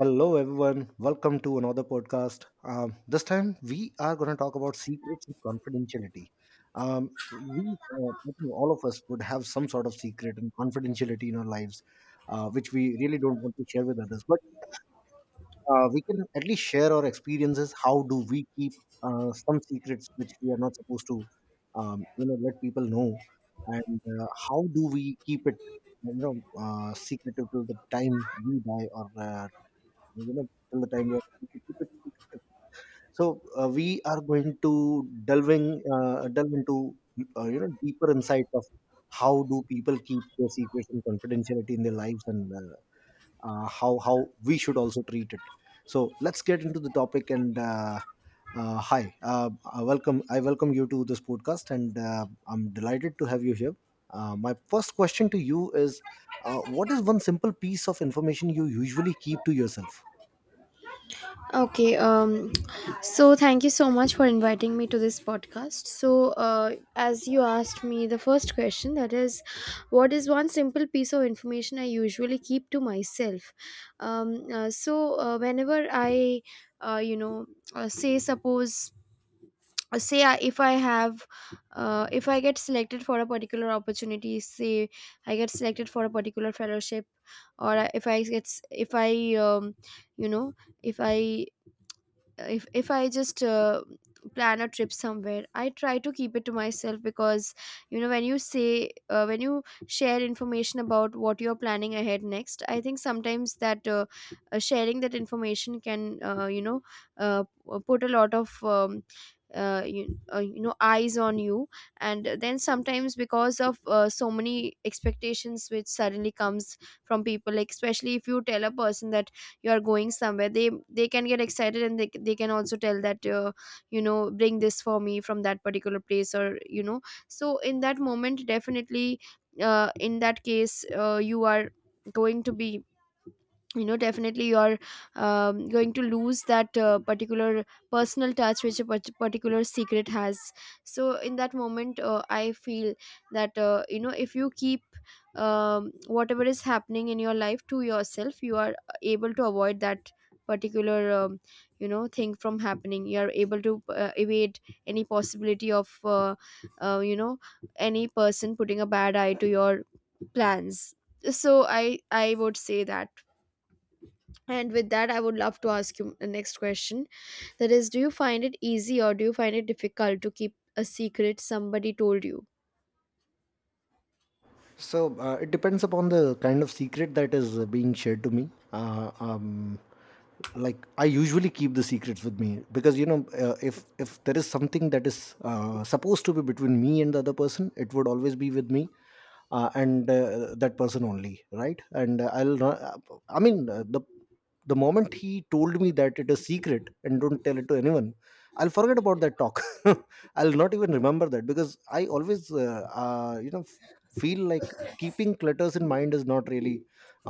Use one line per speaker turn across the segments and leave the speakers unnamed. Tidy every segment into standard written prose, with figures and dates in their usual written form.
Hello, everyone. Welcome to another podcast. This time, we are going to talk about secrets and confidentiality. I think all of us would have some sort of secret and confidentiality in our lives, which we really don't want to share with others. But we can at least share our experiences. How do we keep some secrets which we are not supposed to, you know, let people know, and how do we keep it, you know, secretive till the time we die, or you know, till the time we are able to keep it secretive. So we are going to delving delve into you know, deeper insights of how do people keep their secrets and confidentiality in their lives, and how we should also treat it. So let's get into the topic. And hi, I welcome you to this podcast, and I'm delighted to have you here. My first question to you is, what is one simple piece of information you usually keep to yourself?
Okay, um, so thank you so much for inviting me to this podcast. As you asked me the first question, that is, what is one simple piece of information I usually keep to myself? Whenever I, you know, say, suppose, say, I, if I have, if I get selected for a particular opportunity, say, I get selected for a particular fellowship, or I- if I get, s- if I, you know, if I if I just plan a trip somewhere, I try to keep it to myself. Because when you uh, when you share information about what you're planning ahead next, I think sometimes that sharing that information can uh, you know put a lot of eyes on you. And then sometimes, because of so many expectations which suddenly comes from people, like especially if you tell a person that you are going somewhere, they can get excited and they can also tell that, bring this for me from that particular place, or you know. So in that moment, definitely, in that case, you are going to be, you know, definitely you're, going to lose that particular personal touch which a particular secret has. So in that moment, I feel that, if you keep, whatever is happening in your life, to yourself, you are able to avoid that particular thing from happening. You are able to evade any possibility of uh, you know any person putting a bad eye to your plans. So I would say that. And with that, I would love to ask you the next question. That is, do you find it easy, or do you find it difficult to keep a secret somebody told you?
So it depends upon the kind of secret that is being shared to me. Like, I usually keep the secrets with me, because you know, if there is something that is supposed to be between me and the other person, it would always be with me and that person only, right? And I'll not- I mean, the moment he told me that it is secret and don't tell it to anyone, I'll forget about that talk. I'll not even remember that, because I always you know, feel like keeping clutters in mind is not really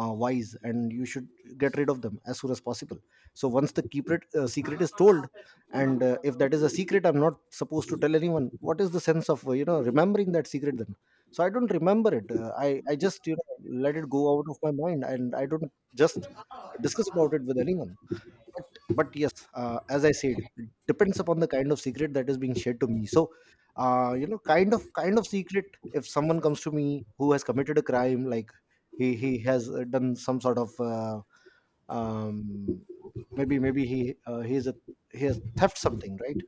wise, and you should get rid of them as soon as possible. So once the secret, is told, and if that is a secret I'm not supposed to tell anyone, what is the sense of you know, remembering that secret, then? So I don't remember it. I just, you know, let it go out of my mind, and I don't just discuss about it with anyone. but but yes, as I said, it depends upon the kind of secret that is being shared to me. So you know, kind of secret, if someone comes to me who has committed a crime, like he has done some sort of um maybe he is a he has theft something, right?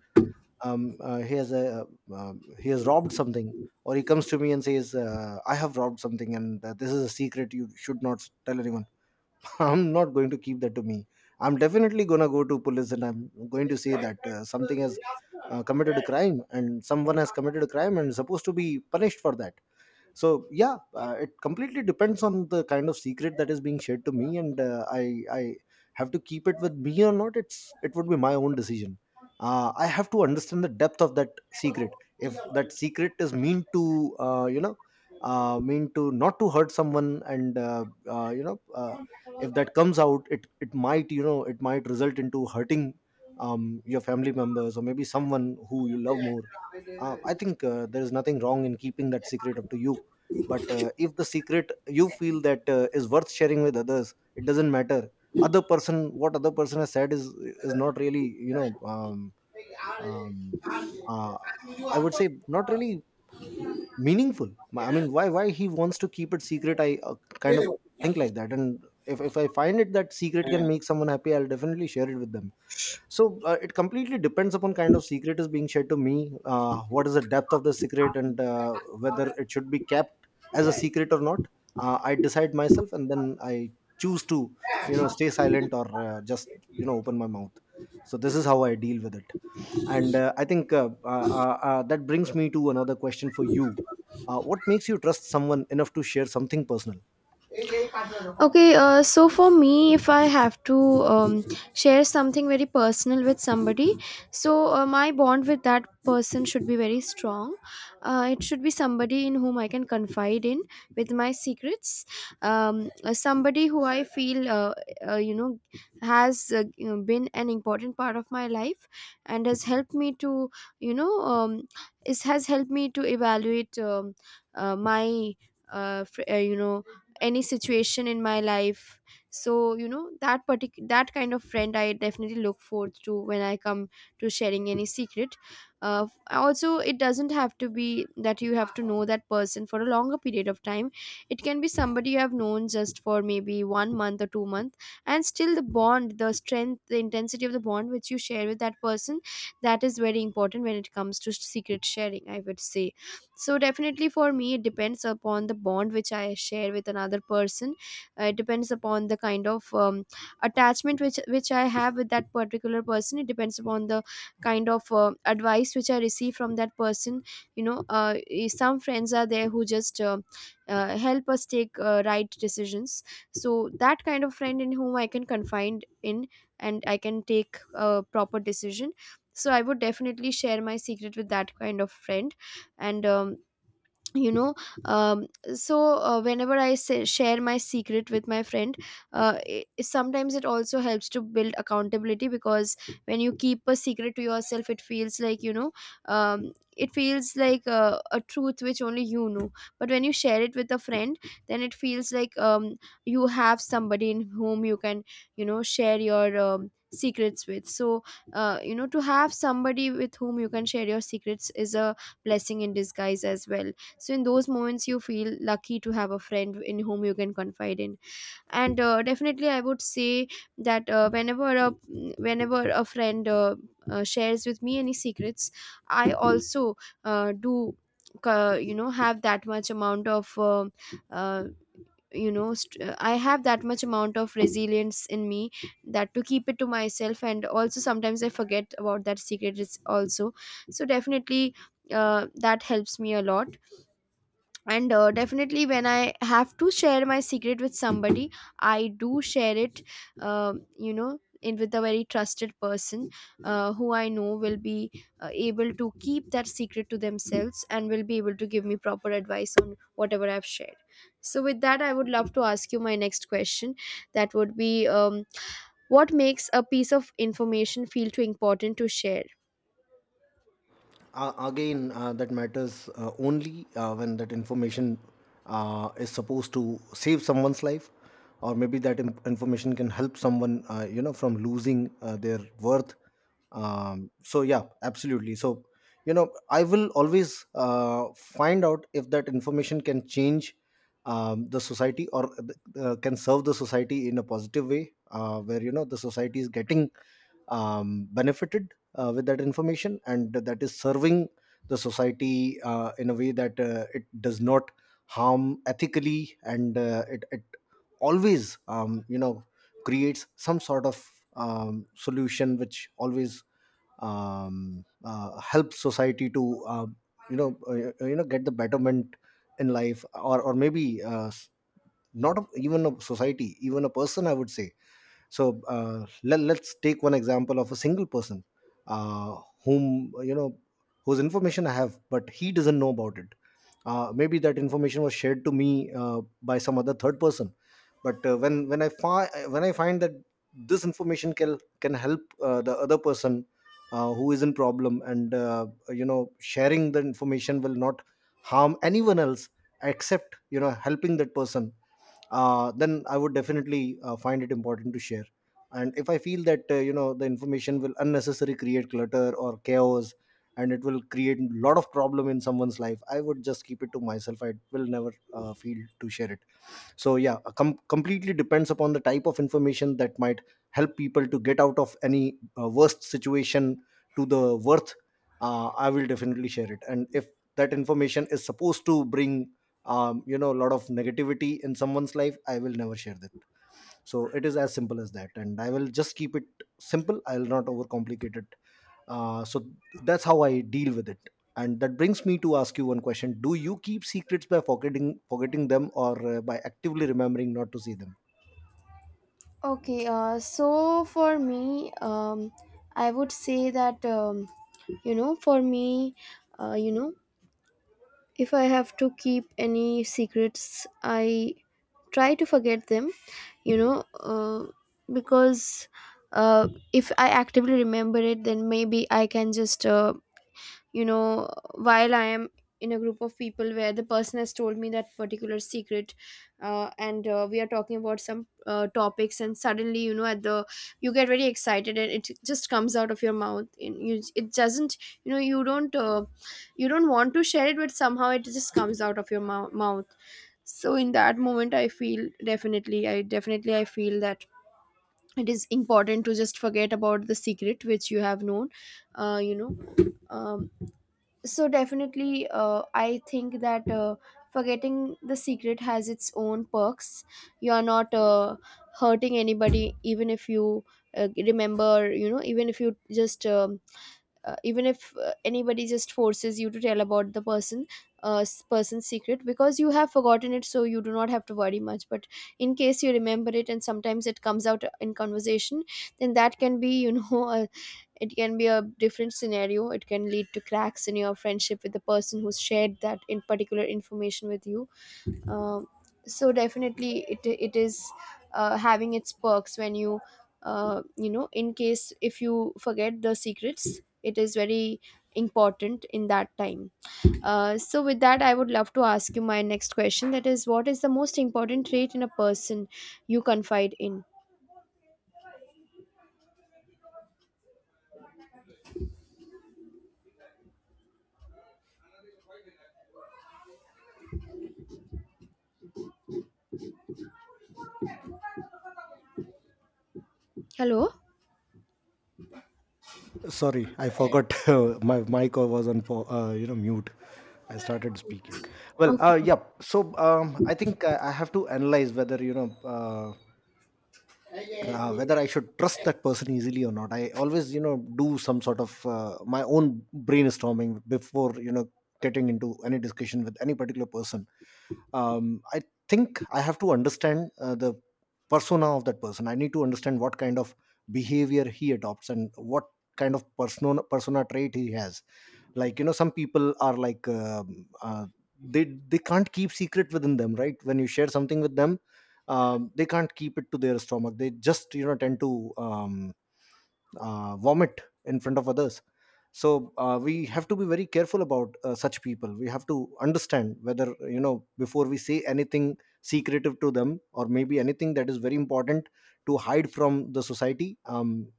he has a, he has robbed something, or he comes to me and says, I have robbed something, and this is a secret, you should not tell anyone. I'm not going to keep that to me. I'm definitely gonna go to police, and I'm going to say that something has committed a crime, and someone has committed a crime and supposed to be punished for that. So yeah, it completely depends on the kind of secret that is being shared to me, and I have to keep it with me or not, it would be my own decision. I have to understand the depth of that secret. If that secret is meant to you know, mean to not to hurt someone, and you know, if that comes out, it might, you know, it might result into hurting your family members, or maybe someone who you love more, I think there is nothing wrong in keeping that secret up to you. But if the secret, you feel that is worth sharing with others, it doesn't matter. Other person, what other person has said, is not really, you know, um, um, uh, I would say, not really meaningful. I mean, why he wants to keep it secret, I kind of think like that. And if I find it that secret can make someone happy, I'll definitely share it with them. So it completely depends upon kind of secret is being shared to me, what is the depth of the secret, and whether it should be kept as a secret or not. I decide myself, and then I choose to, you know, stay silent, or just, you know, open my mouth. So this is how I deal with it. And I think that brings me to another question for you. What makes you trust someone enough to share something personal?
Okay, so for me, if I have to, share something very personal with somebody, so my bond with that person should be very strong. It should be somebody in whom I can confide in with my secrets. Somebody who I feel, uh, you know, has, been an important part of my life and has helped me to, you know, um, is has helped me to evaluate, my. Uh, fr- uh, you know any situation in my life. So you know, that particular, that kind of friend I definitely look forward to when I come to sharing any secret. Uh, also, it doesn't have to be that you have to know that person for a longer period of time. It can be somebody you have known just for maybe 1 month or 2 months, and still the bond, the strength, the intensity of the bond which you share with that person, that is very important when it comes to secret sharing, I would say. So definitely for me, it depends upon the bond which I share with another person. It depends upon the kind of, attachment which I have with that particular person. It depends upon the kind of advice which I receive from that person. You know, some friends are there who just help us take right decisions. So that kind of friend in whom I can confide in, and I can take a proper decision. So I would definitely share my secret with that kind of friend. And um, you know um, so uh, whenever I share my secret with my friend, I sometimes, it also helps to build accountability. Because when you keep a secret to yourself, it feels like, you know, it feels like a truth which only you know. But when you share it with a friend, then it feels like, you have somebody in whom you can, you know, share your secrets with. So to have somebody with whom you can share your secrets is a blessing in disguise as well. So in those moments, you feel lucky to have a friend in whom you can confide in. And definitely I would say that, whenever a friend shares with me any secrets, I also do you know have that much amount of uh, I have that much amount of resilience in me, that to keep it to myself. And also sometimes I forget about that secret is also. So definitely, that helps me a lot. And definitely, when I have to share my secret with somebody, I do share it, in with a very trusted person, who I know will be able to keep that secret to themselves, and will be able to give me proper advice on whatever I've shared. So with that, I would love to ask you my next question. That would be, what makes a piece of information feel too important to share?
Again, that matters only when that information is supposed to save someone's life, or maybe that information can help someone you know, from losing their worth. So yeah, absolutely. So you know, I will always find out if that information can change the society, or can serve the society in a positive way, where you know, the society is getting benefited with that information, and that is serving the society in a way that it does not harm ethically, and it, it always, you know, creates some sort of solution, which always helps society to you know, you know, get the betterment in life. Or maybe not a, even a society, even a person, I would say. So let, let's take one example of a single person, uh, whom you know, whose information I have, but he doesn't know about it. Maybe that information was shared to me by some other third person. But when I find that this information can help the other person who is in problem, and you know, sharing the information will not harm anyone else, except, you know, helping that person, then I would definitely find it important to share. And if I feel that you know, the information will unnecessarily create clutter or chaos, and it will create a lot of problem in someone's life, I would just keep it to myself. I will never feel to share it. So yeah, completely depends upon the type of information. That might help people to get out of any worst situation to the worth, I will definitely share it. And if that information is supposed to bring you know, a lot of negativity in someone's life, I will never share that. So it is as simple as that, and I will just keep it simple. I will not overcomplicate it. So that's how I deal with it. And that brings me to ask you one question: do you keep secrets by forgetting them, or by actively remembering not to see them?
Okay, so for me, I would say that, for me, uh, you know, if I have to keep any secrets, I try to forget them, you know, uh, because if I actively remember it, then maybe I can just, you know while I am in a group of people where the person has told me that particular secret, and we are talking about some topics, and suddenly, you know, at the, you get very excited, and it just comes out of your mouth. And you, it doesn't, you know, you don't want to share it, but somehow it just comes out of your mouth. So in that moment, I definitely I feel that it is important to just forget about the secret which you have known. uh, you know um, so definitely, I think that forgetting the secret has its own perks. You are not hurting anybody, even if you remember, you know, even if you just, even if, anybody just forces you to tell about the person, person's secret, because you have forgotten it, so you do not have to worry much. But in case you remember it, and sometimes it comes out, in conversation, then that can be, you know, a, it can be a different scenario. It can lead to cracks in your friendship with the person who shared that in particular information with you. Um, so definitely, it is having its perks, when you, you know in case if you forget the secrets, it is very important in that time. So with that, I would love to ask you my next question. That is, what is the most important trait in a person you confide in? Hello.
Sorry, I forgot. My mic was on you know, mute. I started speaking. Well,
Okay.
yeah. So I think I have to analyze whether, you know, whether I should trust that person easily or not. I always, you know, do some sort of my own brainstorming before, you know, getting into any discussion with any particular person. I think I have to understand the persona of that person. I need to understand what kind of behavior he adopts, and what kind of persona trait he has. Like, you know, some people are like, they can't keep secret within them, right? When you share something with them, they can't keep it to their stomach. They just, you know, tend to vomit in front of others. So we have to be very careful about such people. We have to understand whether, you know, before we say anything secretive to them, or maybe anything that is very important to hide from the society,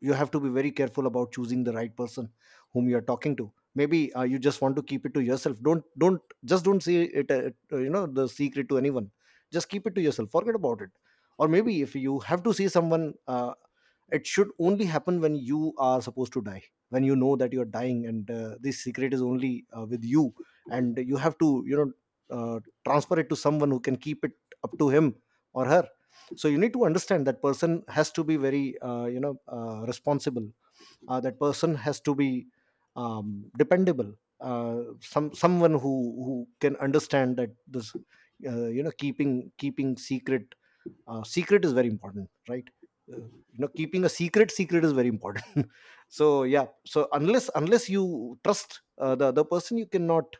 you have to be very careful about choosing the right person whom you are talking to. Maybe you just want to keep it to yourself, don't just don't say it, you know, the secret to anyone. Just keep it to yourself, forget about it. Or maybe if you have to see someone, it should only happen when you are supposed to die, when you know that you are dying, and this secret is only with you, and you have to, you know, transfer it to someone who can keep it up to him or her. So you need to understand, that person has to be very, you know, responsible. That person has to be dependable. Some, someone who can understand that this you know, keeping secret is very important, right? uh, you know, keeping a secret secret is very important. So yeah, so unless you trust the other person, you cannot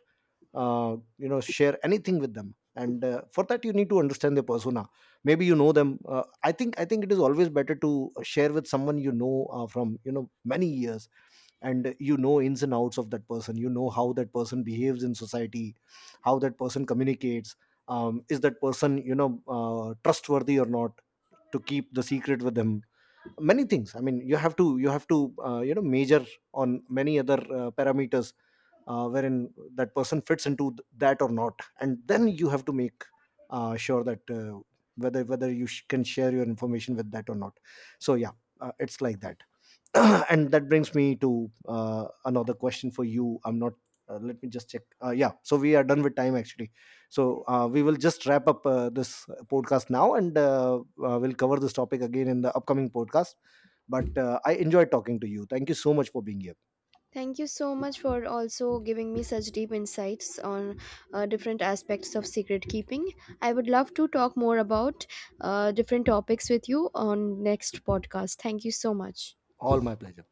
you know, share anything with them. And for that you need to understand their persona. Maybe you know them I think it is always better to share with someone you know from, you know, many years, and you know ins and outs of that person. You know how that person behaves in society, how that person communicates, is that person, you know, trustworthy or not to keep the secret with them. Many things, I mean, you have to, you know, measure on many other parameters wherein that person fits into that or not. And then you have to make sure that whether you can share your information with that or not. So yeah, it's like that. And that brings me to another question for you. I'm not, let me just check. Yeah, so we are done with time, actually. So we will just wrap up this podcast now, and we'll cover this topic again in the upcoming podcast. But I enjoyed talking to you. Thank you so much for being here.
Thank you so much for also giving me such deep insights on different aspects of secret keeping. I would love to talk more about different topics with you on next podcast. Thank you so much.
All my pleasure.